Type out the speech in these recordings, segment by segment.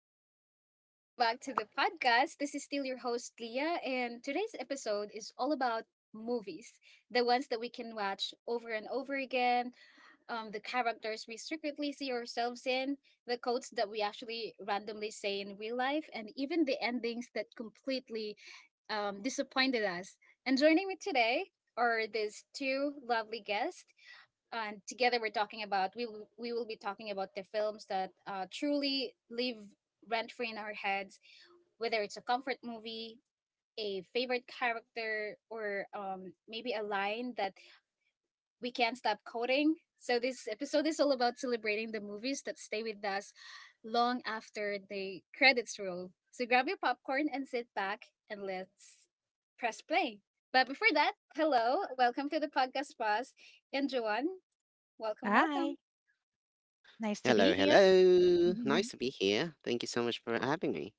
Hello and welcome back to the podcast. This is still your host, Leah, and today's episode is all about movies, the ones that we can watch over and over again, the characters we secretly see ourselves in, the quotes that we actually randomly say in real life, and even the endings that completely disappointed us. And joining me today are these two lovely guests, and together we will be talking about the films that truly live rent free in our heads, whether it's a comfort movie, a favorite character, or maybe a line that we can't stop quoting. So this episode is all about celebrating the movies that stay with us long after the credits roll. So grab your popcorn and sit back and let's press play. But before that, hello, welcome to the podcast, boss, and Joanne, welcome, Hi, welcome. nice to be Hello, here. hello. Mhm. Nice to be here. Thank you so much for having me.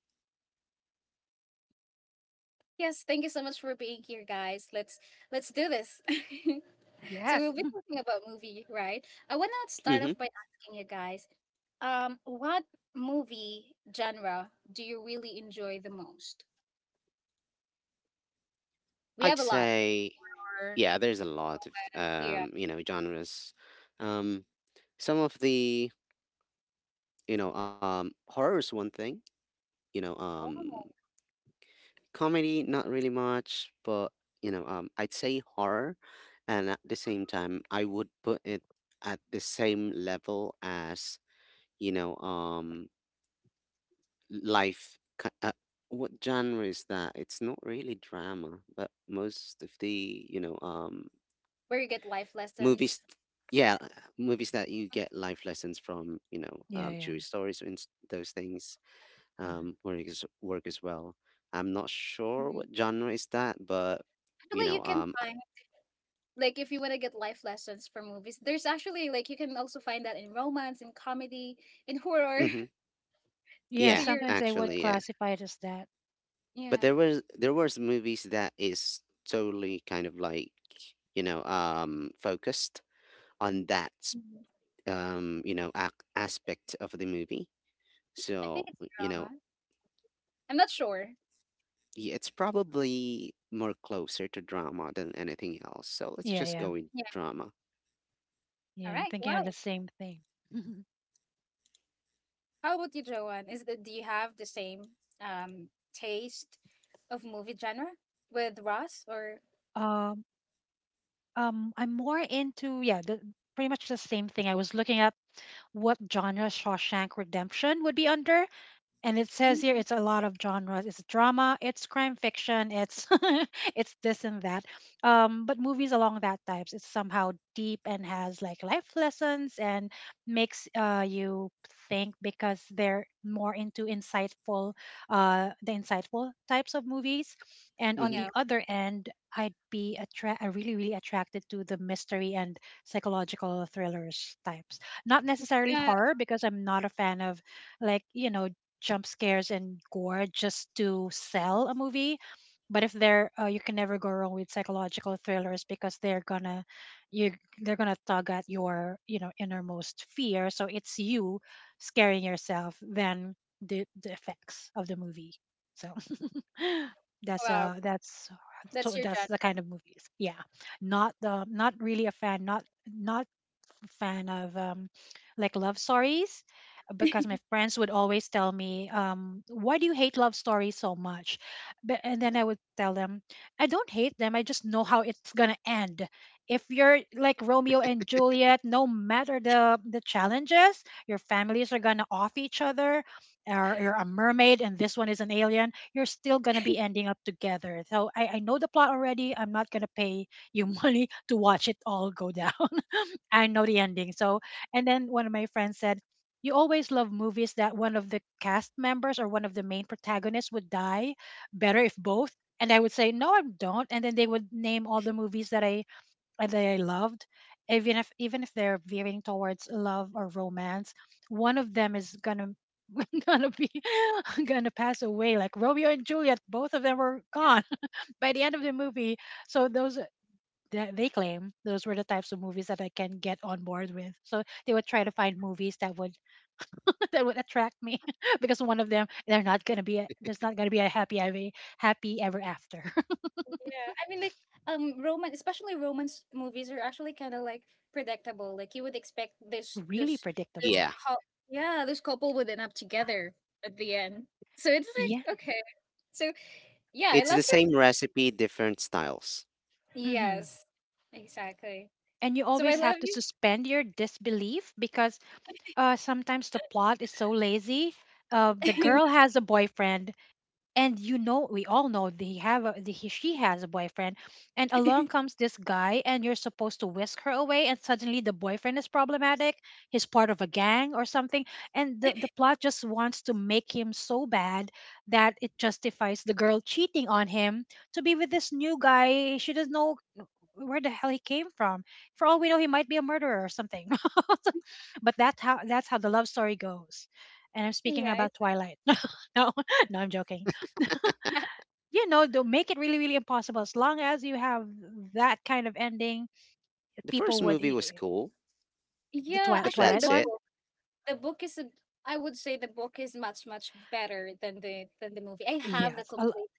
Yes, thank you so much for being here, guys. Let's do this. So Yes. we'll be talking about movie, right? I wanna start hmm off by asking you guys, what movie genre do you really enjoy the most? We have I'd a lot, say, or yeah, there's a lot of, yeah, genres. Um, some of the, horror is one thing. You know, um, oh, comedy not really much, but I'd say horror, and at the same time, I would put it at the same level as, you know, um, life. What genre is that? It's not really drama, but most of the, where you get life movies, lessons. yeah, movies that you get life lessons from, Yeah, yeah. true stories and those things Mhm. Work as well. I'm not sure Mm. what genre is that, but you Actually, you know can um find, like, if you wanna get life lessons from movies, there's actually, like, you can also find that in romance, in comedy, in horror. mm Yeah, So yeah, you're, sometimes they would actually yeah. classify it as that. But yeah. there was movies that is totally kind of like, focused on that, Mhm. Aspect of the movie, I think so, it's you know drama. I'm not sure. It's probably more closer to drama than anything else, so let's just go Yeah, with yeah. Yeah. drama. All right. Yeah, I'm Well, thinking of the same thing. how about you, Joanne? Is that, do you have the same um taste of movie genre with Ross or, Um, I'm more into, yeah, the pretty much the same thing. I was looking up what genre Shawshank Redemption would be under, and it says here mm, it's a lot of genres. It's drama, it's crime fiction, it's it's this and that. But movies along that types, it's somehow deep and has like life lessons and makes you think because they're more into insightful, the insightful types of movies. And on Hmm, no? the other end, really, really attracted to the mystery and psychological thrillers types. Not necessarily Yeah. horror because I'm not a fan of like you know jump scares and gore just to sell a movie. But if they're, you can never go wrong with psychological thrillers because you they're gonna tug at your you know innermost fear. So it's you scaring yourself than the effects of the movie. So Wow. That's your that's genre. the kind of movies. Yeah, not really a fan. Not fan of like love stories because my friends would always tell me, "Why do you hate love stories so much?" But and then I would tell them, "I don't hate them. I just know how it's gonna end. If you're like Romeo and Juliet, no matter the challenges, your families are gonna off each other, or you're a mermaid and this one is an alien. You're still gonna be ending up together. So I know the plot already. I'm not gonna pay you money to watch it all go down." I know the ending. So, and then one of my friends said, "You always love movies that one of the cast members or one of the main protagonists would die. Better if both." And I would say, "No, I don't." And then they would name all the movies that I loved, even if they're veering towards love or romance. One of them is gonna gonna be gonna pass away. Like Romeo and Juliet, both of them were gone by the end of the movie. So those that they claim those were the types of movies that I can get on board with. So they would try to find movies that would that would attract me because one of them, they're not gonna be a, there's not gonna be a happy ever after. Yeah. I mean, like, romance, especially romance movies are actually kind of like predictable. Like you would expect this, Really this, this yeah, predictable. couple. Yeah, this couple would end up together at the end. So it's Yeah. like okay. So yeah, I it's love the your. same recipe, different styles. Hmm. Yes. Exactly. And you So I always have love to you. suspend your disbelief because sometimes the plot is so lazy. The girl has a boyfriend and you know we all know they have a, the, he, she has a boyfriend and along comes this guy and you're supposed to whisk her away, and suddenly the boyfriend is problematic, he's part of a gang or something. And the plot just wants to make him so bad that it justifies the girl cheating on him to be with this new guy she doesn't know where the hell he came from. For all we know, he might be a murderer or something. But that's how the love story goes. And I'm speaking Yeah. about It's Twilight. No, no, I'm joking. You know, don't make it really, really impossible. As long as you have that kind of ending, The people first would movie was cool, yeah, but actually twilight the that's it. one, book, the book is a, I would say the book is much better than the movie. I have the yes, a, l- complete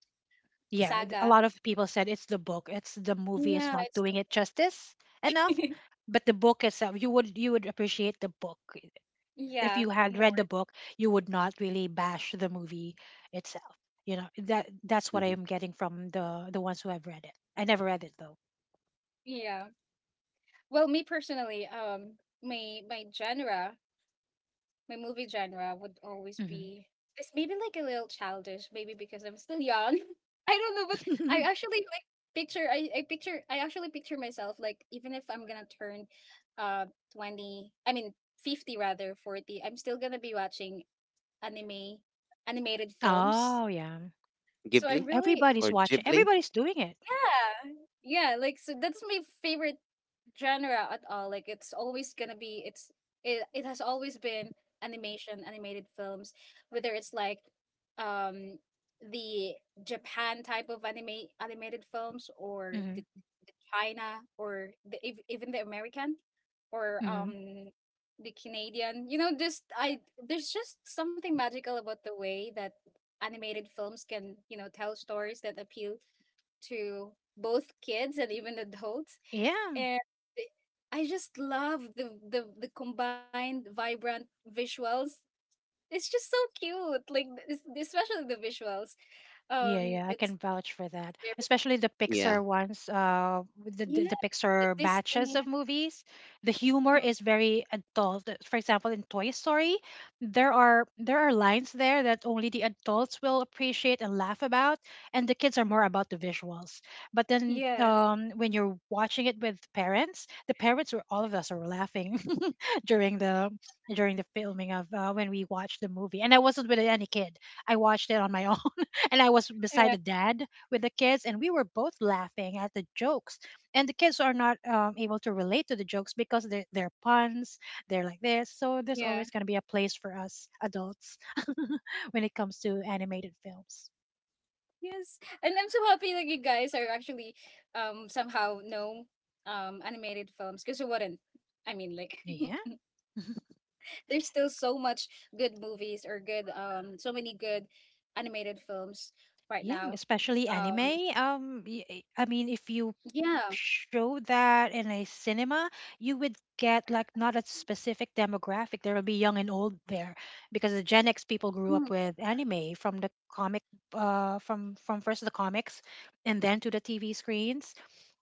yeah th- a saga. lot of people said it's the book, it's the movie is Yeah, not it's doing it justice the, enough. But the book itself, you would appreciate the book. If yeah, you had more. read the book, you would not really bash the movie itself. You know, that's what I Hmm. am getting from the ones who have read it. I never read it though. Yeah. Well, me personally, my my genre my movie genre would always be, it's maybe like a little childish, maybe because I'm still young. I don't know, but Hmm. I actually like picture I picture I actually picture myself, like, even if I'm gonna turn uh twenty, I mean fifty rather, forty, I'm still gonna be watching anime, animated films. Oh yeah. So Ghibli. I'm really, Everybody's Or watching. Ghibli. Everybody's doing it. yeah. Yeah, like, so that's my favorite genre at all. Like it's always gonna be, it's it has always been animation, animated films, whether it's like um the Japan type of anime animated films, or Hmm. the China, or the, even the American, or Hmm. The Canadian. You know, just, I there's just something magical about the way that animated films can, you know, tell stories that appeal to both kids and even adults, Yeah. and I just love the the combined vibrant visuals. It's just so cute, like this, especially the visuals. Yeah, yeah, I It's can vouch for that. very, Especially the Yeah. Pixar ones, with yeah, the the Pixar batches Disney, of movies. The humor is very adult. For example, in Toy Story, there are lines there that only the adults will appreciate and laugh about, and the kids are more about the visuals. But then, yes, when you're watching it with parents, the parents were all of us are laughing during the during the filming of when we watched the movie. And I wasn't with any kid. I watched it on my own, and I was beside a uh, dad with the kids, and we were both laughing at the jokes. And the kids are not able to relate to the jokes because they're puns, they're like this. So there's always yeah, going to be a place for us adults when it comes to animated films. yes. And I'm so happy that you guys are actually somehow know animated films, because you wouldn't. I mean, like, Yeah, there's still so much good movies or good, so many good animated films right yeah, now. especially Um, anime. I mean, if you yeah. show that in a cinema, you would get like not a specific demographic. There will be young and old there because the Gen X people grew Mm, up with anime from the comic, from first the comics, and then to the TV screens,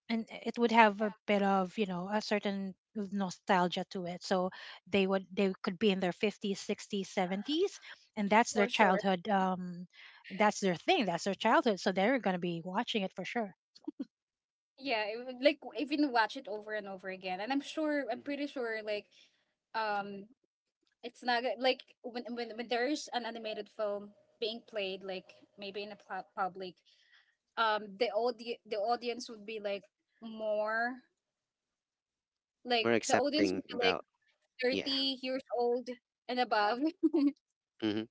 and it would yeah, have a bit of you know a certain nostalgia to it. So they could be in their fifties, sixties, seventies, and that's their for sure. childhood. That's their thing. That's their childhood. So they're going to be watching it for sure. Yeah, it would, like, even watch it over and over again. And I'm sure, I'm hmm pretty sure, like, um, it's not g- like, when there's an animated film being played, like maybe in a public, the audi the audience would be like more, like more the audience accepting would be like about. Yeah. 30 years old and above. hmm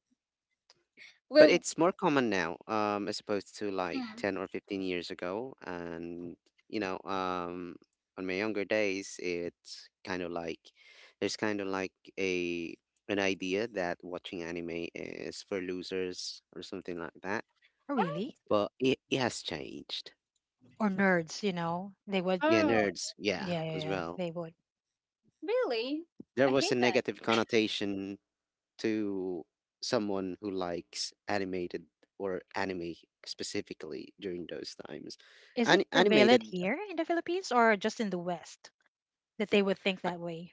But Well, it's more common now, as opposed to like mm, 10 or 15 years ago. And, you know, um, on my younger days, it's kind of like, there's kind of like a an idea that watching anime is for losers or something like that. Oh, what? really? But it has changed. Or nerds, you know? They would, Yeah, Oh, nerds, yeah, yeah, yeah, as yeah, well. they would. really? There I was a hate that. negative connotation to someone who likes animated or anime specifically during those times. Is it An- prevalent animated, here in the Philippines or just in the West that they would think I, that way?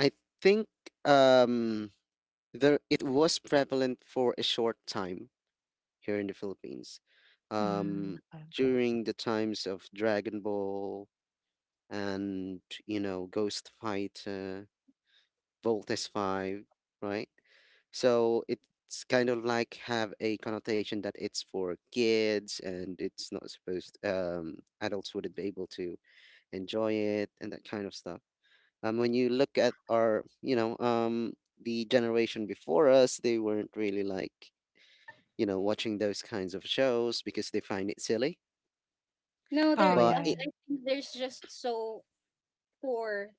I think, um, there it was prevalent for a short time here in the Philippines, Mm, um, okay. during the times of Dragon Ball and, Ghost Fighter, volt is 5, right? So it's kind of like have a connotation that it's for kids and it's not supposed, adults wouldn't be able to enjoy it and that kind of stuff. When you look at our, the generation before us, they weren't really like, watching those kinds of shows because they find it silly. No, there Oh, But yeah, it. actually, yeah. I think there's just so poor,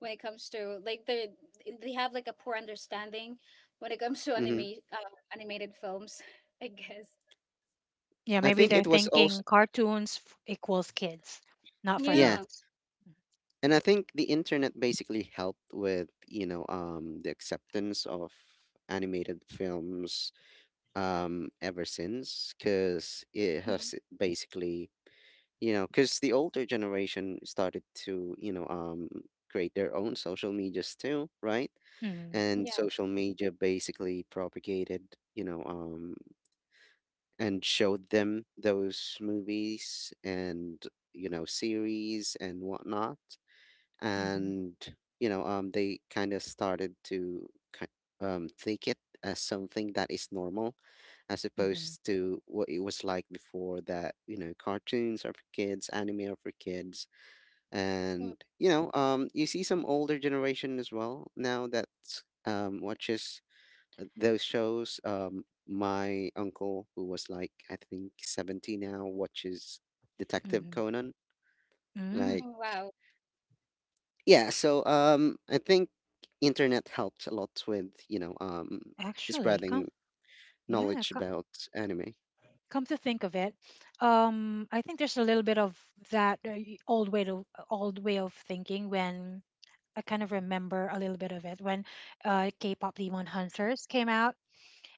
when it comes to, like, they have like a poor understanding when it comes to Mhm. anime, uh, animated films. I guess. Yeah, I maybe think they're it was thinking also, cartoons f- equals kids, not for yeah. Yeah. adults. And I think the internet basically helped with, the acceptance of animated films, ever since, because it Mm, has basically, because the older generation started to, create their own social medias too, right? Mhm, And yeah. social media basically propagated, you know, um, and showed them those movies and, series and whatnot, mhm, and they kind of started to, ki- think it as something that is normal, as mhm, opposed to what it was like before that, cartoons are for kids, anime are for kids. Mm, And you see some older generation as well now that watches, those shows. My uncle, who was like I think 70 now, watches Detective mhm. Conan, Mm, like. mm, wow. Yeah, so, I think internet helped a lot with, actually, come, spreading yeah, knowledge about anime. come to think of it, I think there's a little bit of that old way to old way of thinking. When I kind of remember a little bit of it, when K-pop Demon Hunters came out,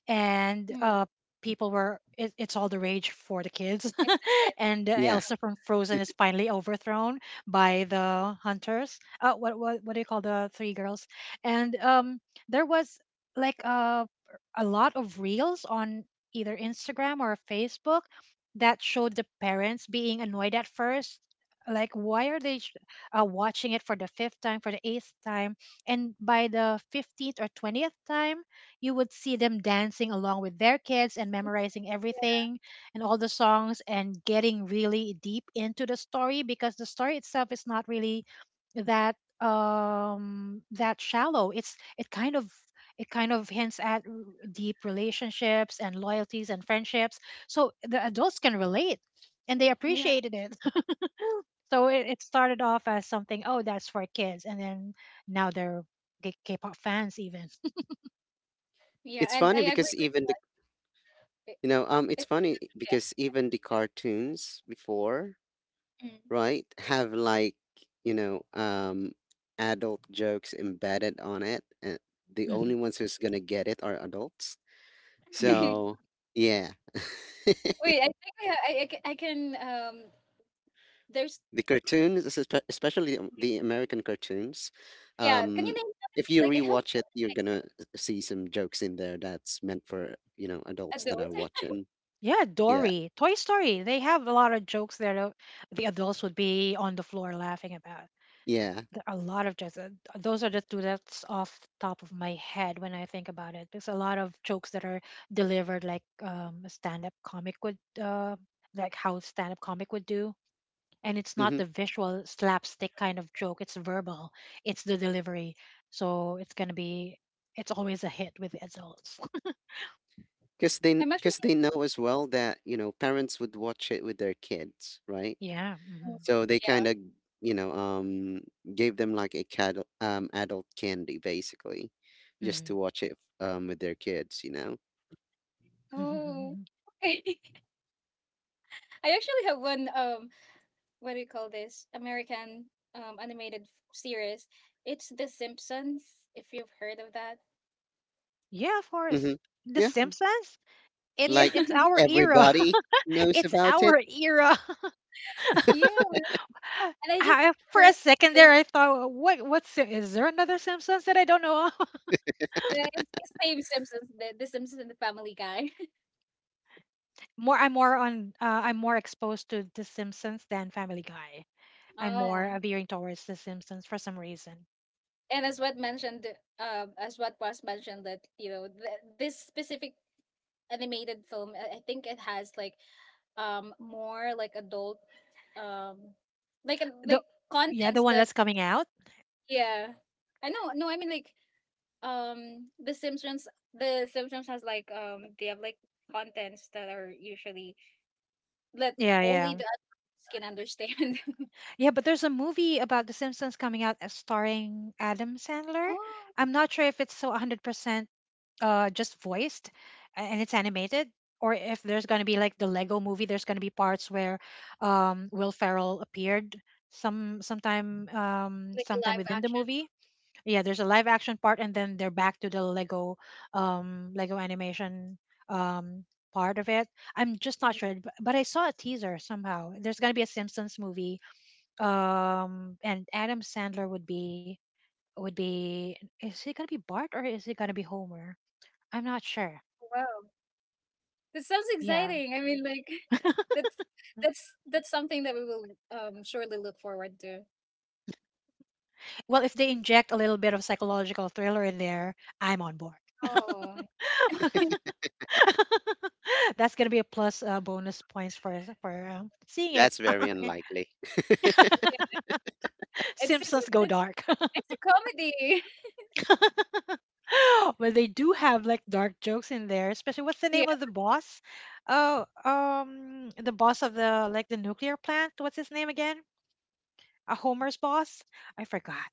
and Mm, people were it, it's all the rage for the kids it's a hit. and Yeah, Elsa from Frozen is finally overthrown by the hunters. Uh, what do you call the three girls? And um, there was like a lot of reels on either Instagram or Facebook that showed the parents being annoyed at first, like, why are watching it for the fifth time, for the eighth time, and by the 15th or 20th time, you would see them dancing along with their kids and memorizing everything and all the songs and getting really deep into the story. Because the story itself is not really that that shallow. It kind of, it kind of hints at deep relationships and loyalties and friendships, so the adults can relate and they Yeah. appreciated it. So it started off as something, oh that's for kids, and then now they're k-pop fans even. Yeah. it's And funny I agree because, even the with it. you know it's It's funny yeah. because even the cartoons before, Mm. right, have like, you know um adult jokes embedded on it, and the only Mhm, ones who's gonna get it are adults. mhm. So yeah, Wait, I think I, I can. There's. the cartoons, especially, the American cartoons, Yeah. Can you um, name them? if you Like I have rewatch it, you're gonna see some jokes in there that's meant for, one adults that adult? are watching. Yeah, Yeah, Dory, Toy Story. They have a lot of jokes that the adults would be on the floor laughing about. yeah. A lot of jokes. Those are the two that's off the top of my head when I think about it. There's a lot of jokes that are delivered like a stand-up comic would, like how stand-up comic would do. And it's not Mm-hmm. the visual slapstick kind of joke. It's verbal. It's the delivery. So it's gonna be. It's always a hit with the adults. Because they, I'm because actually. they know as well that, parents would watch it with their kids, right? Yeah. Hmm. So they kind Yeah. of, you know, um, gave them like, adult candy basically, just to watch it, with their kids. Oh. Hmm. Okay. I actually have one, what do you call this, American animated series. It's The Simpsons. If you've heard of that, Yeah, of Mm-hmm. course. The Yeah. Simpsons? yeah, Like, It's our era. everybody knows It's about it? our era. yeah. And I just for heard a that second there's, there, I thought, what what's is there another Simpsons that I don't know of?" it's the same Simpsons, the Simpsons and the Family Guy. more, I'm more on. I'm more exposed to The Simpsons than Family Guy. I'm Oh. more veering towards The Simpsons for some reason. And as what mentioned, as what was mentioned, that, you know, this specific animated film, I think it has like more like adult, um The like yeah, the contents one that, that's coming out. yeah. I know, no, I mean, like, um the simpsons the Simpsons has like, they have like contents that are usually, that Yeah, only yeah, the adults can understand. yeah. But there's a movie about The Simpsons coming out starring Adam Sandler. Oh, I'm not sure if it's so 100% just voiced and it's animated, or if there's going to be like the Lego movie, there's going to be parts where Will Ferrell appeared like a sometime live within the action. movie. Yeah, there's a live action part, and then they're back to the Lego Lego animation um part of it. I'm just not Mhm. sure, but I saw a teaser somehow there's going to be a Simpsons movie and Adam Sandler would be. Is he going to be Bart or is he going to be Homer? I'm not sure. Wow. That sounds Yeah. exciting, I mean, like, that's that's something that we will surely look forward to. Well, if they inject a little bit of psychological thriller in there, I'm on board. Oh, That's gonna be a plus bonus points for seeing it. That's very unlikely. yeah, it's Simpsons go it's, dark. it's a comedy. Well, they do have like dark jokes in there, especially what's the name of Yeah. the boss? Oh, the boss of the like the nuclear plant. What's his name again? A Homer's boss? I forgot.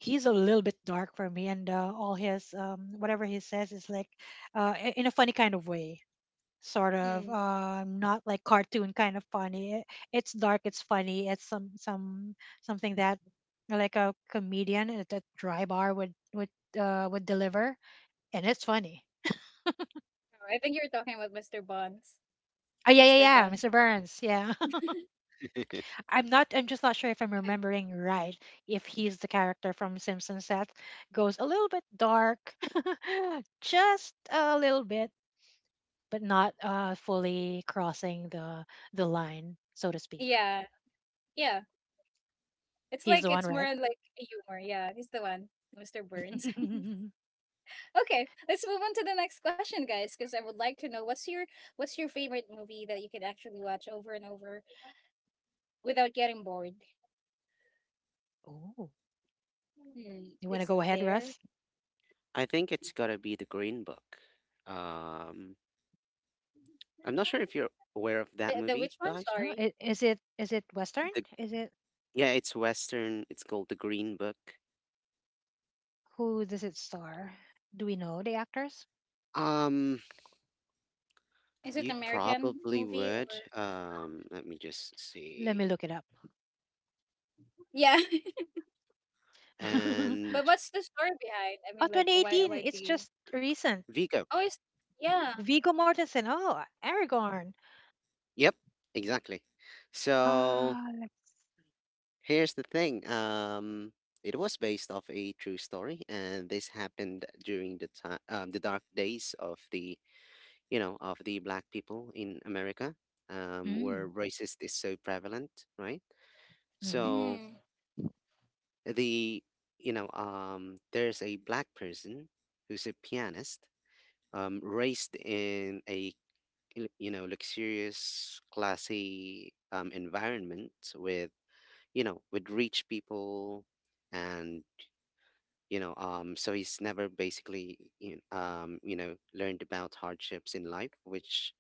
He's a little bit dark for me, and all his whatever he says is like in a funny kind of way, sort of Hmm. Not like cartoon kind of funny. It's dark, it's funny, it's some something that like a comedian at a dry bar would would deliver, and it's funny. Oh, I think you're talking about Mr. Buns, Oh, yeah, yeah, Mr. yeah, Bun, mr burns, yeah. I'm not. I'm just not sure if I'm remembering right. If he's the character from Simpsons that goes a little bit dark, just a little bit, but not fully crossing the line, so to speak. yeah, yeah. It's He's like the one, it's more right? like a humor. Yeah, he's the one, Mr. Burns. Okay, let's move on to the next question, guys, because I would like to know what's your, what's your favorite movie that you can actually watch over and over without getting bored. Oh, Hmm, you want to is go ahead, there, Russ? I think it's gotta be The Green Book. Um, I'm not sure if you're aware of that the movie, which one? guys. No, Sorry, is it Western? The Is it yeah, it's Western. It's called The Green Book. who does it star? Do we know the actors? Um, is it you American probably movie would. or Let me just Let me see. look it up. yeah? Oh, And But what's the story behind? I mean, like, 2018. why do It's you? just recent. Vigo. Oh, it's yeah, Vigo Mortensen. Oh, Aragorn. Yep, exactly. So Ah, let's see. here's the thing. It was based off a true story, and this happened during the time, the dark days of the black people in America, where Mm. racist is so prevalent, right? Mhm. So mm, the, there's a black person who's a pianist, raised in a, luxurious, classy, environment with, with rich people. And so he's never basically, learned about hardships in life, which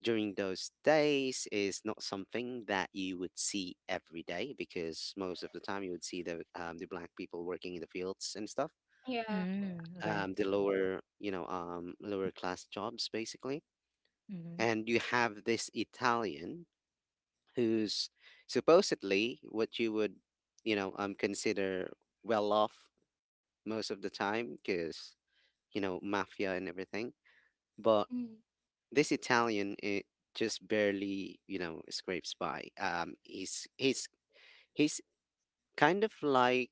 during those days is not something that you would see every day, because most of the time you would see the black people working in the fields and stuff. yeah. Mm. Okay. The lower, lower class jobs basically. Mhm. And you have this Italian who's supposedly what you would, consider well off most of the time because, mafia and everything. But Mm. this Italian, it just barely, scrapes by. He's kind of like,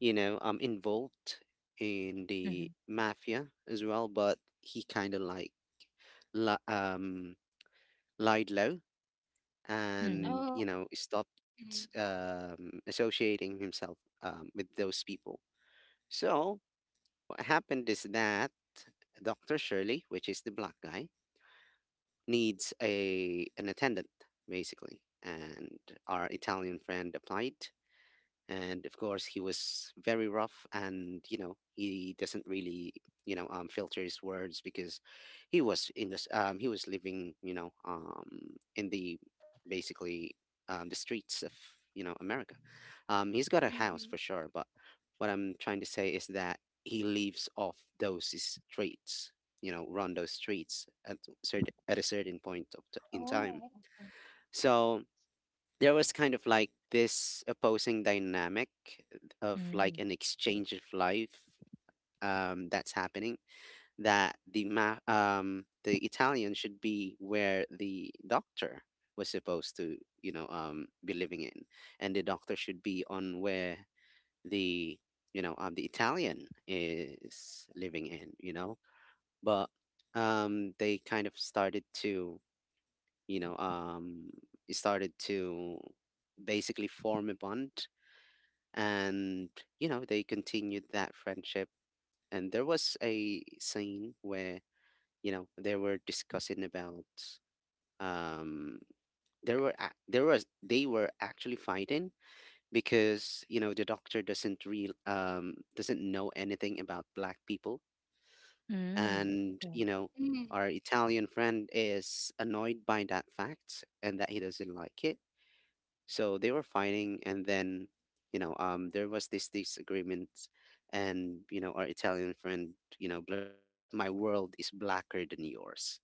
involved in the Mhm. mafia as well, but he kind of like, li- um lied low Mhm. and, Oh, stopped mm, associating himself with those people. So what happened is that Dr. Shirley, which is the black guy, needs a an attendant basically, and our Italian friend applied. And of course he was very rough, and he doesn't really, filter his words because he was in this he was living, in basically the streets of, America. He's got a house mm. for sure, but what I'm trying to say is that he leaves off those streets, run those streets at certain at a certain point of in time. Oh, So there was kind of like this opposing dynamic, of Mm. like Mm. an exchange of life, that's happening, that the Italian should be where the doctor was supposed to, be living in, and the doctor should be on where the you know the Italian is living in, but, they kind of started to, you know um started to basically form a bond. And they continued that friendship. And there was a scene where they were discussing about, um there were ac- there was they were actually fighting because the doctor doesn't know anything about black people, Yeah. and mm. our Italian friend is annoyed by that fact and that he doesn't like it. So they were fighting, and then, there was this disagreement, and our Italian friend, blurted out, "My world is blacker than yours,"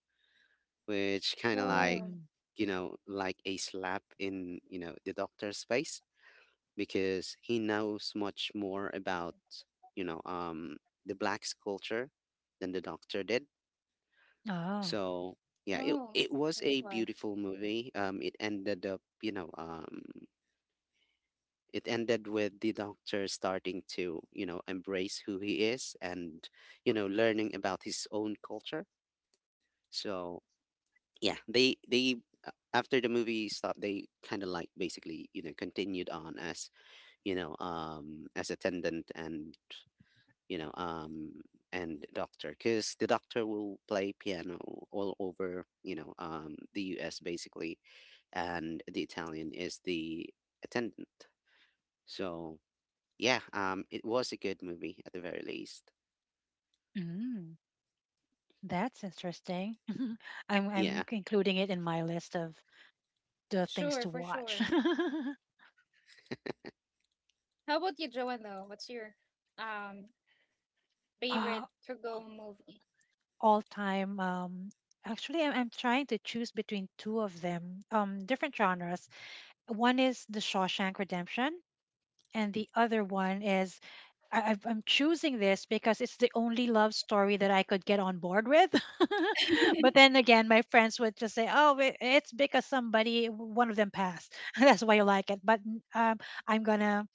which kind of Mm. like, Oh. Like a slap in, the doctor's face, because he knows much more about, you know, um, the blacks culture than the doctor did. Oh. So yeah, it Oh, it was that's a why. beautiful movie. It ended up. It ended with the doctor starting to, embrace who he is, and learning about his own culture. So yeah, they, after the movie stopped, they kind of like basically, continued on as, as attendant, and you know um and doctor because the doctor will play piano all over, the US basically, and the Italian is the attendant. So yeah, it was a good movie at the very least. Mm. That's interesting. I'm Yeah, I'm including it in my list of the Sure, things for to sure. watch. How about you, Joanne, though? What's your um favorite Uh, to go movie? all time. Actually, I'm trying to choose between two of them. Different genres. One is The Shawshank Redemption, and the other one is I'm choosing this because it's the only love story that I could get on board with. But then again, my friends would just say, "Oh, it's because somebody, one of them passed. That's why you like it." But I'm gonna,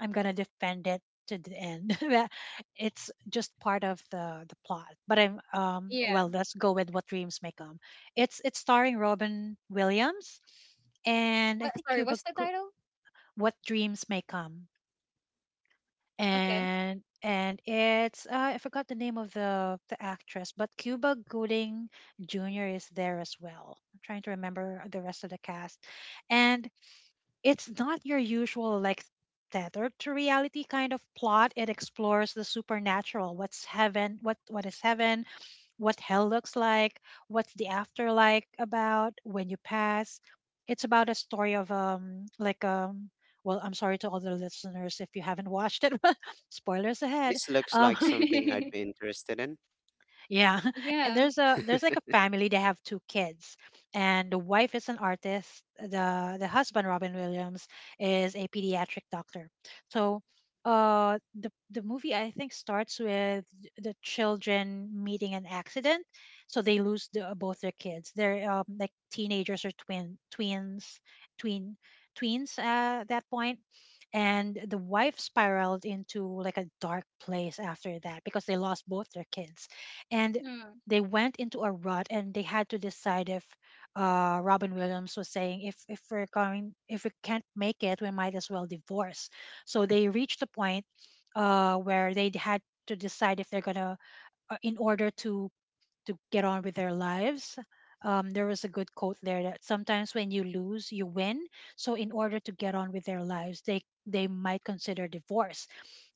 I'm gonna defend it to the end. That it's just part of the plot. But Yeah. well, let's go with what dreams may come. It's starring Robin Williams, and I What, think sorry, Cuba. what's the Go- title? What dreams may come, Okay. And it's I forgot the name of the actress, but Cuba Gooding Jr. is there as well. I'm trying to remember the rest of the cast, and it's not your usual like tethered to reality kind of plot. It explores the supernatural, what's heaven, what is heaven, what hell looks like, what's the after like about when you pass. It's about a story of like well, I'm sorry to all the listeners if you haven't watched it, spoilers ahead. this looks Um, like something I'd be interested in. yeah. And Yeah. There's like a family, they have two kids, and the wife is an artist. The husband Robin Williams is a pediatric doctor. So the movie I think starts with the children meeting an accident, so they lose the, both their kids. They're like teenagers or twin twins tween tweens at that point, and the wife spiraled into like a dark place after that because they lost both their kids, and Mm, they went into a rut, and they had to decide if Robin Williams was saying if we're going if we can't make it we might as well divorce. So they reached a point where they had to decide if they're gonna in order to get on with their lives. There was a good quote there that sometimes when you lose, you win. So in order to get on with their lives, they might consider divorce.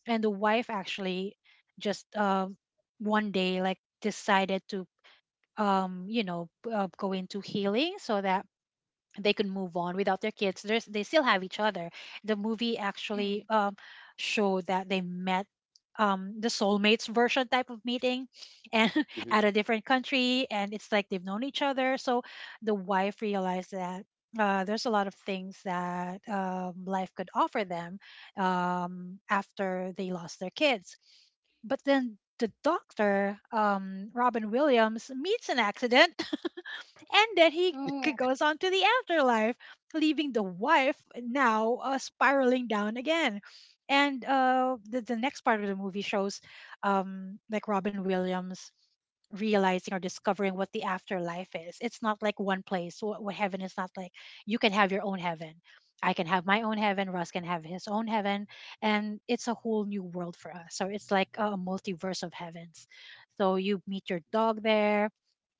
And the wife actually just one day like decided to you know go into healing so that they could move on without their kids. There's, they still have each other. The movie actually mm. Showed that they met the soulmates version type of meeting and Mm-hmm, at a different country. And it's like they've known each other. So the wife realized that. There's a lot of things that life could offer them after they lost their kids, but then the doctor robin williams meets an accident, and then he Oh, g- goes on to the afterlife, leaving the wife now spiraling down again. And the next part of the movie shows like Robin Williams realizing or discovering what the afterlife is. It's not like one place. What heaven is not like. You can have your own heaven. I can have my own heaven. Russ can have his own heaven, and it's a whole new world for us. So it's like a multiverse of heavens. So you meet your dog there,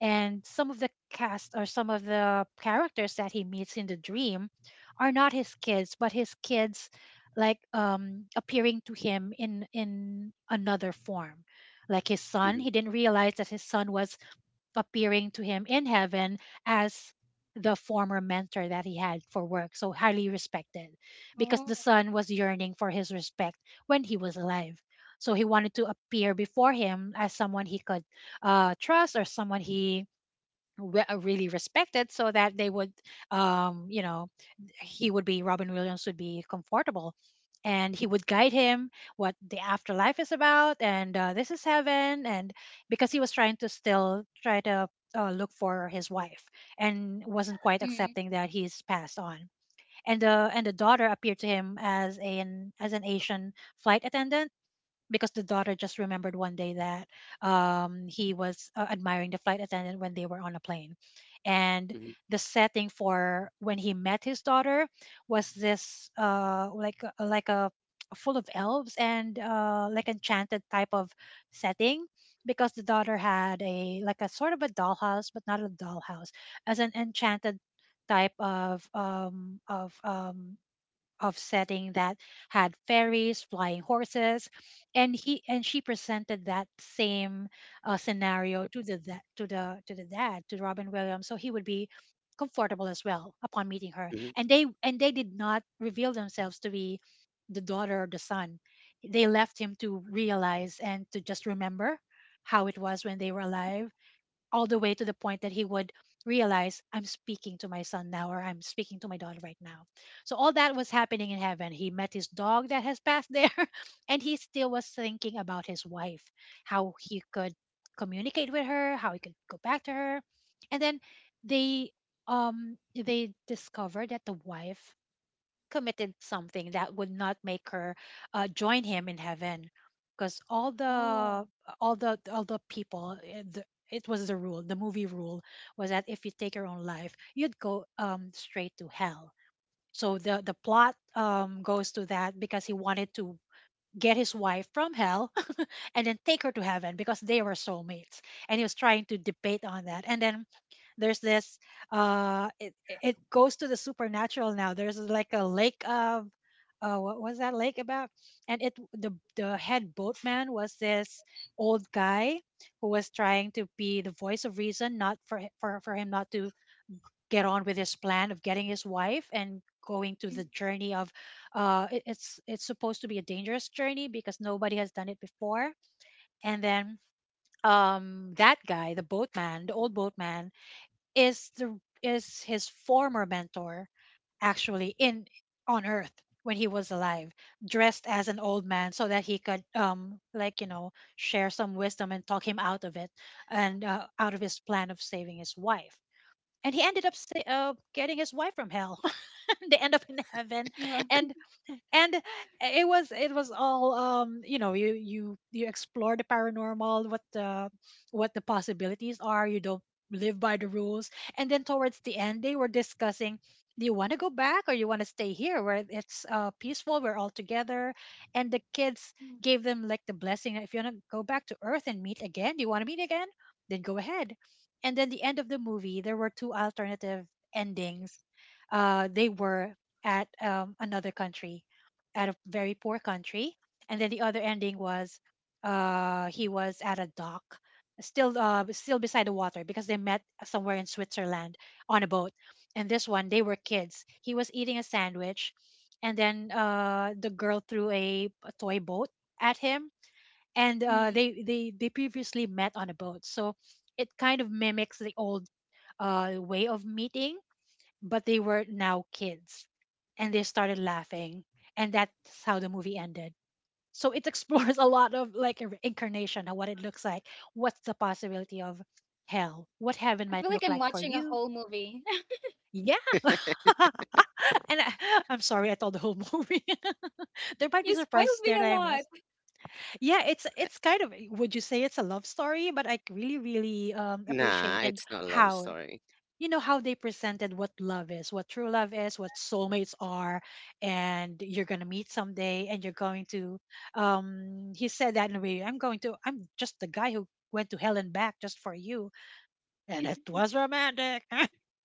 and some of the cast or some of the characters that he meets in the dream are not his kids, but his kids like appearing to him in another form. Like his son, mm-hmm, he didn't realize that his son was appearing to him in heaven as the former mentor that he had for work, so highly respected, because oh, the son was yearning for his respect when he was alive. So he wanted to appear before him as someone he could trust or someone he really respected so that they would you know he would be, robin williams would be comfortable, and he would guide him what the afterlife is about, and this is heaven, and because he was trying to still try to look for his wife and wasn't quite mm, accepting that he's passed on. And and the daughter appeared to him as an asian flight attendant, because the daughter just remembered one day that he was admiring the flight attendant when they were on a plane. And mm-hmm, the setting for when he met his daughter was this like like a full of elves and like enchanted type of setting, because the daughter had a like a sort of a dollhouse but not a dollhouse as an enchanted type of of setting that had fairies, flying horses, and he and she presented that same scenario to the to the dad, to Robin Williams, so he would be comfortable as well upon meeting her. hmm. And they did not reveal themselves to be the daughter or the son. They left him to realize and to just remember how it was when they were alive, all the way to the point that he would realize I'm speaking to my son now or I'm speaking to my daughter right now. So all that was happening in heaven. He met his dog that has passed there, and he still was thinking about his wife, how he could communicate with her, how he could go back to her. And then they they discovered that the wife committed something that would not make her join him in heaven, because oh, all the people it was the rule, the movie rule, was that if you take your own life you'd go straight to hell. So the plot goes to that because he wanted to get his wife from hell, and then take her to heaven because they were soulmates, and he was trying to debate on that. And then there's this it goes to the supernatural. Now there's like a lake of what was that lake about, and it, the head boatman was this old guy who was trying to be the voice of reason not for for him not to get on with his plan of getting his wife and going to mm. the journey of it, it's supposed to be a dangerous journey because nobody has done it before. And then that guy, the boatman, the old boatman is the is his former mentor, actually, in on earth when he was alive, dressed as an old man so that he could like you know share some wisdom and talk him out of it and out of his plan of saving his wife. And he ended up getting his wife from hell. They end up in heaven. Well, and and it was, it was all you know you you explore the paranormal, what the possibilities are, you don't live by the rules. And then towards the end they were discussing do you want to go back or you want to stay here where it's peaceful we're all together, and the kids mm, gave them like the blessing that if you want to go back to earth and meet again, do you want to meet again, then go ahead. And then the end of the movie there were two alternative endings. They were at another country, at a very poor country. And then the other ending was he was at a dock, still beside the water because they met somewhere in Switzerland on a boat. And this one, they were kids. He was eating a sandwich, and then the girl threw a toy boat at him. And mm. they previously met on a boat, so it kind of mimics the old way of meeting, but they were now kids and they started laughing, and that's how the movie ended. So it explores a lot of like a reincarnation and what it looks like, what's the possibility of hell, what heaven I feel might like look I'm like for watching a you. whole movie. Yeah, and I'm sorry I told the whole movie. There might be You spoiled surprises me there that a I lot. missed. Yeah, it's it's kind of, would you say it's a love story? But I really Nah, appreciated it's not a love how, story. you know, how they presented what love is, what true love is, what soulmates are, and you're gonna meet someday, and you're going to, he said that in a way, I'm going to, I'm just the guy who went to hell and back just for you. And it was romantic.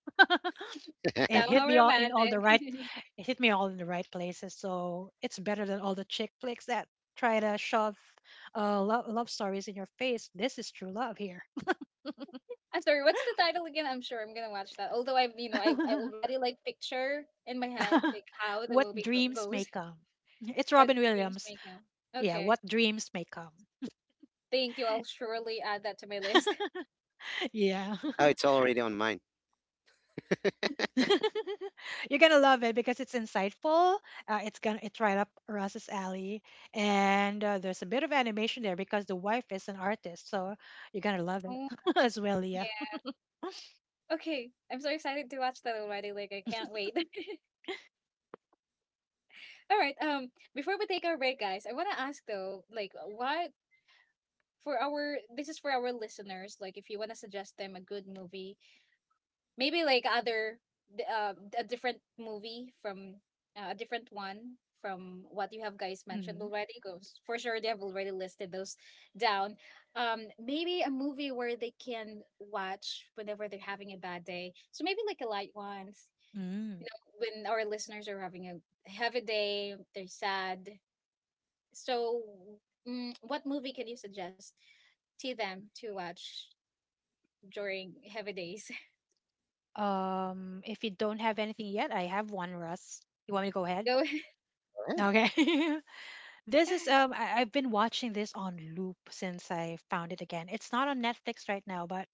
It hit Somehow me all in all the romantic. right. It hit me all in the right places, so it's better than all the chick flicks that try to shove love stories in your face. This is true love here. I'm sorry, what's the title again? I'm sure I'm gonna watch that. Although I've, you know, I've, I already like picture in my head like how the What movie dreams may goes. come. It's What Robin dreams Williams. make now? Yeah, Okay, what dreams may come. thank you. I'll surely add that to my list. Yeah. Oh, it's already on mine. Go You're gonna love it because it's insightful. It's right up Ross's alley, and there's a bit of animation there because the wife is an artist, so you're gonna love it Oh as well, Leah. yeah. Okay, I'm so excited to watch that already. Like I can't wait. All right. Before we take our break, guys, I wanna ask though, like, what, for our this is for our listeners. Like, if you wanna suggest them a good movie, maybe like other, a different movie from, a different one from what you have guys mentioned Hmm. already, because for sure they have already listed those down. Maybe a movie where they can watch whenever they're having a bad day, so maybe like a light ones, Mm. you know, when our listeners are having a heavy day, they're sad, so, mm, what movie can you suggest to them to watch during heavy days? If you don't have anything yet, I have one, Russ. You want me to go ahead? Go. ahead. Okay. This is I've been watching this on loop since I found it again. It's not on Netflix right now, but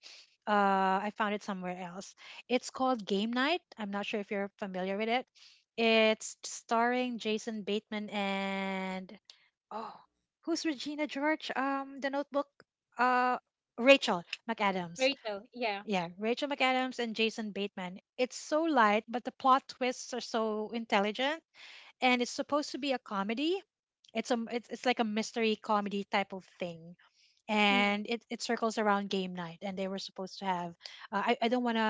I found it somewhere else. It's called Game Night. I'm not sure if you're familiar with it. It's starring Jason Bateman and, oh, who's Regina George? The Notebook. Uh, Rachel McAdams. Rachel, yeah. Yeah, Rachel McAdams and Jason Bateman. It's so light, but the plot twists are so intelligent, and it's supposed to be a comedy. It's a it's like a mystery comedy type of thing, Mm. and it circles around game night. And they were supposed to have. I don't want to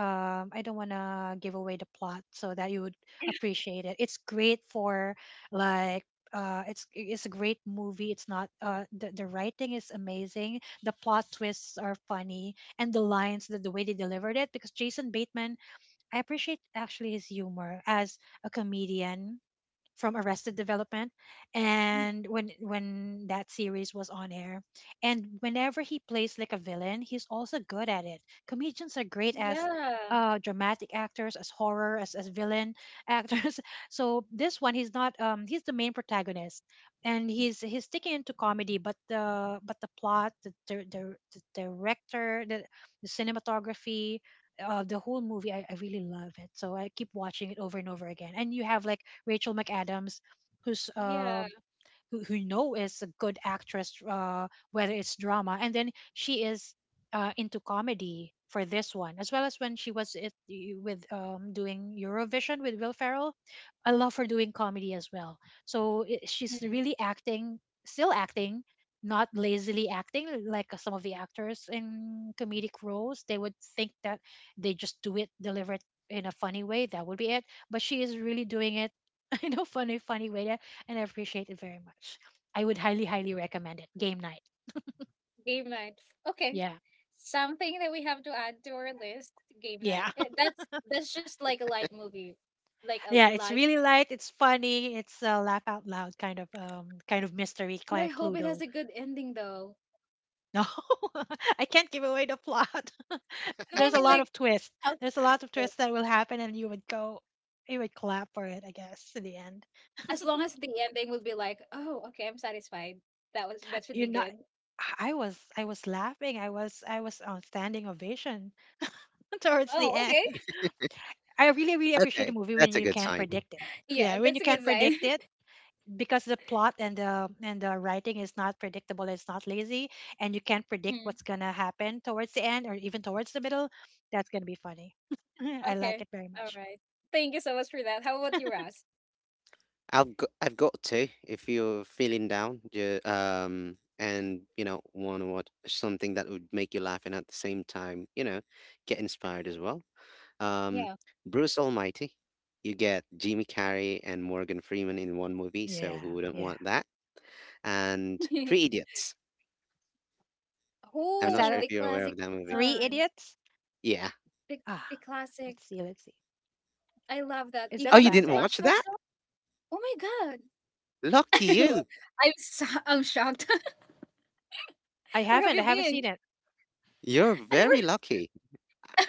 I don't want to give away the plot so that you would appreciate it. It's great for like. It's a great movie. It's not the writing is amazing. The plot twists are funny, and the lines, that the way they delivered it, because Jason Bateman, I appreciate actually his humor as a comedian from Arrested Development, Mm, and when that series was on air, and whenever he plays like a villain, he's also good at it. Comedians are great as yeah, dramatic actors, as horror, as villain actors. So this one, he's not he's the main protagonist, and he's sticking into comedy. But the plot, the director, the cinematography, the whole movie, I really love it, so I keep watching it over and over again. And you have like Rachel McAdams, who's uh yeah, who, you know, is a good actress, whether it's drama, and then she is into comedy for this one, as well as when she was it, with doing Eurovision with Will Ferrell. I love her doing comedy as well. So she's mm, really acting, still acting, not lazily acting like some of the actors in comedic roles. They would think that they just do it, deliver it in a funny way, that would be it. But she is really doing it in a funny, funny way. Yeah, and I appreciate it very much. I would highly recommend it. Game night. game night. Okay, Yeah. something that we have to add to our list, game night. Yeah. Eh, that's just like a light movie, like a Yeah. It's light. really light. It's funny. It's a laugh out loud kind of mystery But I client hope it has Cluedo. a good ending, though. No, I can't give away the plot. No, I There's a mean lot like, of twists. There's a lot of helpful. twists that will happen, and you would go, you would clap for it, I guess, in the end. As long as the ending would be like, oh, okay, I'm satisfied. That was, that should You're be not. good. I was laughing. I was on standing ovation towards the Oh, okay. end. I really appreciate a Okay, movie when that's a you good can't sign. predict it. Yeah, Yeah, when that's you a can't good sign. predict it, because the plot and the writing is not predictable, it's not lazy, and you can't predict Mm, what's gonna happen towards the end or even towards the middle. That's gonna be funny. I like okay, it very all much. right. Thank you so much for that. How about you, Ross? I've got to. If you're feeling down, and, want to watch something that would make you laugh and at the same time, get inspired as well. um, Yeah. Bruce Almighty. You get Jimmy Carrey and Morgan Freeman in one movie, so Yeah, who wouldn't yeah. want that? And Three Idiots. I'm What's Oh, not that? the sure Uh, if you're classic aware of that movie. Three one. Idiots? Yeah. The Ah, the classic. let's see, let's see. I love that. Is You that Oh, a you haven't didn't classic? watch watched that that? show? Oh my god. Lucky you. I'm so, I'm shocked. Where have I you haven't seen been? it. You're I were. very lucky.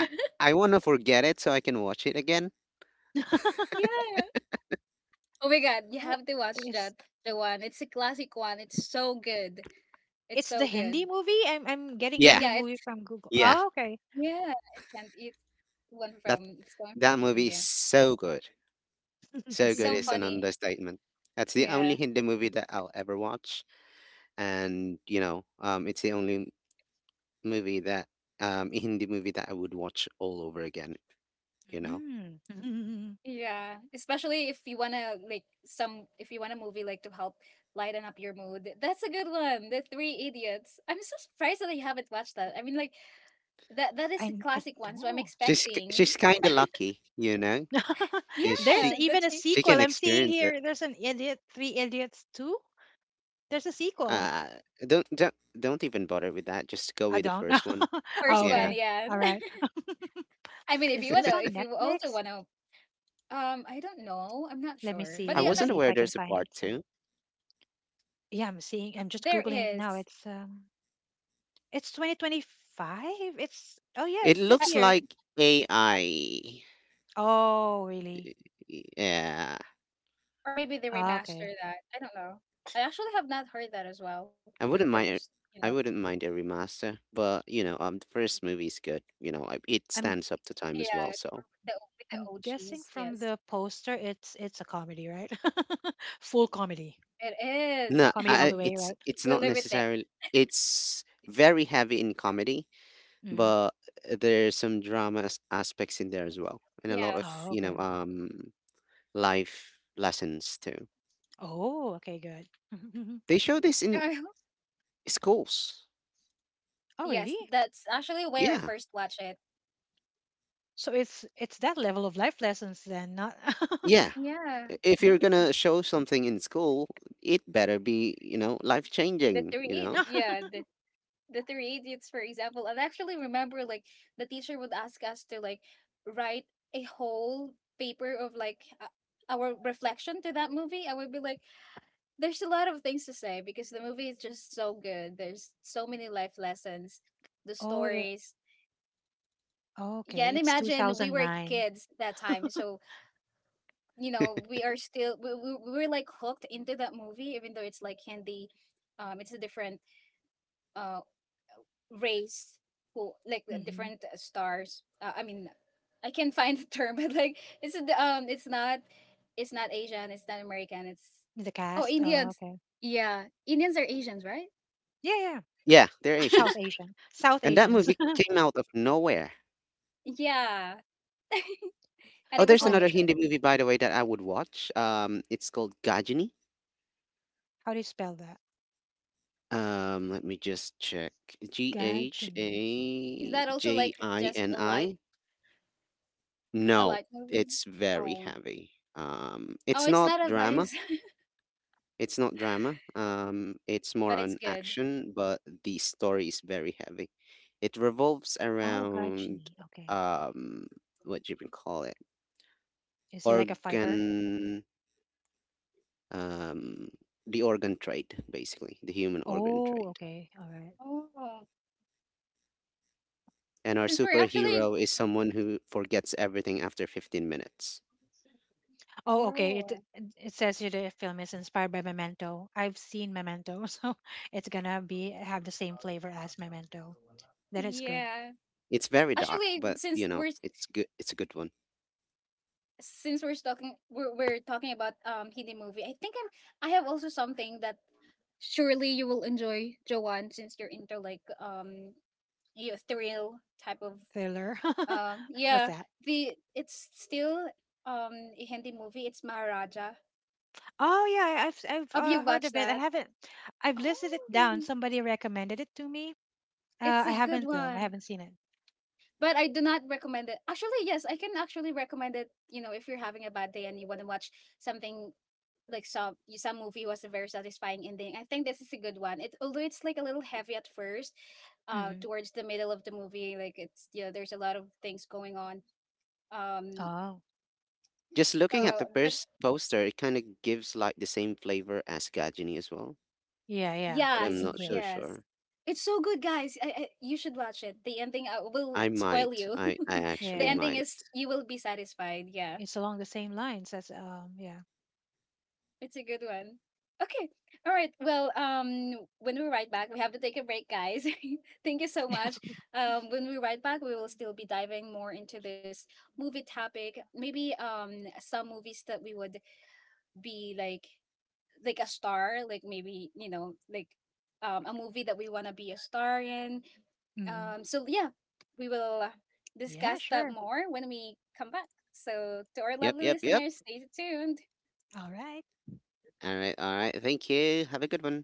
I, I want to forget it so I can watch it again. Yeah. Oh my god, you Who- have to watch it's that. The one. It's a classic one. It's so good. It's it's the so Hindi good. movie. I'm getting Yeah, Hindi Yeah, movie it's from Google. yeah. Oh, okay. yeah, it's, and it's one That from, it's going that from movie is India. so good. So It's good so is an funny. understatement. That's the only Yeah. Hindi movie that I'll ever watch, and it's the only movie that a Hindi movie that I would watch all over again, you know. Mm. Yeah, especially if you wanna, like, some, if you want a movie like to help lighten up your mood. That's a good one. The Three Idiots. I'm so surprised that I haven't watched that. I mean, like, that that is a I classic one, so I'm know. She's k- expecting. she's kind of lucky. Is There's Yeah, even a that's the she sequel. can I'm seeing experience it. here. There's an idiot, Three Idiots Two. There's a sequel. Uh don't even bother with that. Just go I with the don't know. first one. Oh, first one. Yeah. okay. Yeah. All right. I mean, if Is you this wanna, on if you also Netflix? wanna, I don't know. I'm not Let me sure, see. but I Let yeah, me wasn't see if aware I can there's a find it. part Some. 2. Yeah, I'm seeing. I'm just there googling it now. is. It's. It's 2025. It's oh yeah. It It's Uh, this looks year. like AI. Oh really? Yeah. or maybe they Ah, remaster okay. that. I don't know. I actually have not heard that as well. I Like, wouldn't mind there's, you know, I wouldn't mind a remaster, but, the first movie is good. It I'm stands up to time as yeah, well, so the, with the I'm guessing OGs. from Yes. the poster, it's a comedy, right? Full comedy, It is. no, comedy all I, the way, right? it's We not live with it. necessarily. It's very heavy in comedy, Hmm. but there's some drama aspects in there as well, and a lot of, Yes. Oh, okay. Life lessons too. Oh, okay, good. They show this in schools. Oh, Yes, really? that's actually where I Yeah, first watched it. So it's that level of life lessons then, not. yeah. Yeah. If you're Mm. gonna show something in school, it better be, life changing. You know, Yeah, the three idiots, for example. And I actually remember, like, the teacher would ask us to like write a whole paper of like, our reflection to that movie. I would be like, there's a lot of things to say, because the movie is just so good. There's so many life lessons, the Oh, yeah. stories. Oh, Yeah, okay. and It's imagine we were 2009. kids that time, so, you know, we are still, we were like hooked into that movie, even though it's like Hindi, it's a different uh race, who like the Hmm. different, stars, I mean, I can find the term, but like it's a it's not, it's not Asian, it's not American, it's, The oh, cast. Oh, Indians, okay. yeah, Indians are Asians, right? Yeah, yeah. Yeah. yeah, they're South Asians, Asian. South and that Asians. movie came out of nowhere. Yeah, and Oh, it was there's like Oh, another a tr- hit. Hindi movie, by the way, that I would watch. It's called Gajini. how do you spell that? Let me just check. G H Gajini. Is A that also J like I just N a light, I? a No, light movie? it's very Oh. heavy. Um, Oh, it's it's not not drama. advice. It's not drama. It's more But it's on good. action, but the story is very heavy. It revolves Oh, around, Gajini. Okay. um, what do you call it? Is he like a fighter? Organ, um, the organ trade, basically, the human organ Oh, trade. okay. All right. Oh. And our Since we're actually, superhero is someone who forgets everything after 15 minutes. Oh, okay. It oh. it says here the film is inspired by Memento. I've seen Memento, so it's gonna be have the same flavor as Memento. Then it's good. Yeah, It's very dark, actually but, since we're, it's a good one. since we're talking about Hindi movie. I think I'm, I have also something that surely you will enjoy, Joanne, since you're into like you thrill type of Thriller. What's yeah, that? the it's still a Hindi movie. It's Maharaja. Oh yeah, I've Have you heard watched of it. I that? haven't. I've listed it Oh, down. Somebody recommended it to me. it's a I good haven't though. I one. haven't seen it. But I do not recommend it. Actually, yes, I can actually recommend it. You know, if you're having a bad day and you want to watch something like, some some movie was a very satisfying ending. I think this is a good one. It, although it's like a little heavy at first, Mm-hmm. towards the middle of the movie, like, it's, you know, there's a lot of things going on. Um, Oh Just looking well, at the but first poster, it kind of gives like the same flavor as Gajini as well, yeah, yeah. but I'm yes, It not so will. yes, sure. it's so good, guys. I you should watch it. The ending I will I spoil might. you. I The actually Yeah, ending might. is, you will be satisfied. Yeah. it's along the same lines as yeah, It's a good one. Okay. All right. Well, when we ride back, we have to take a break, guys. Thank you so yeah. much. When we ride back, we will still be diving more into this movie topic. Maybe some movies that we would be like a star, like maybe, you know, like a movie that we want to be a star in. Hmm. So yeah, we will, Yeah, discuss that sure. more when we come back. So to our Yep, lovely yep, yep. listeners, stay tuned. All right. All right, all right. Thank you. Have a good one.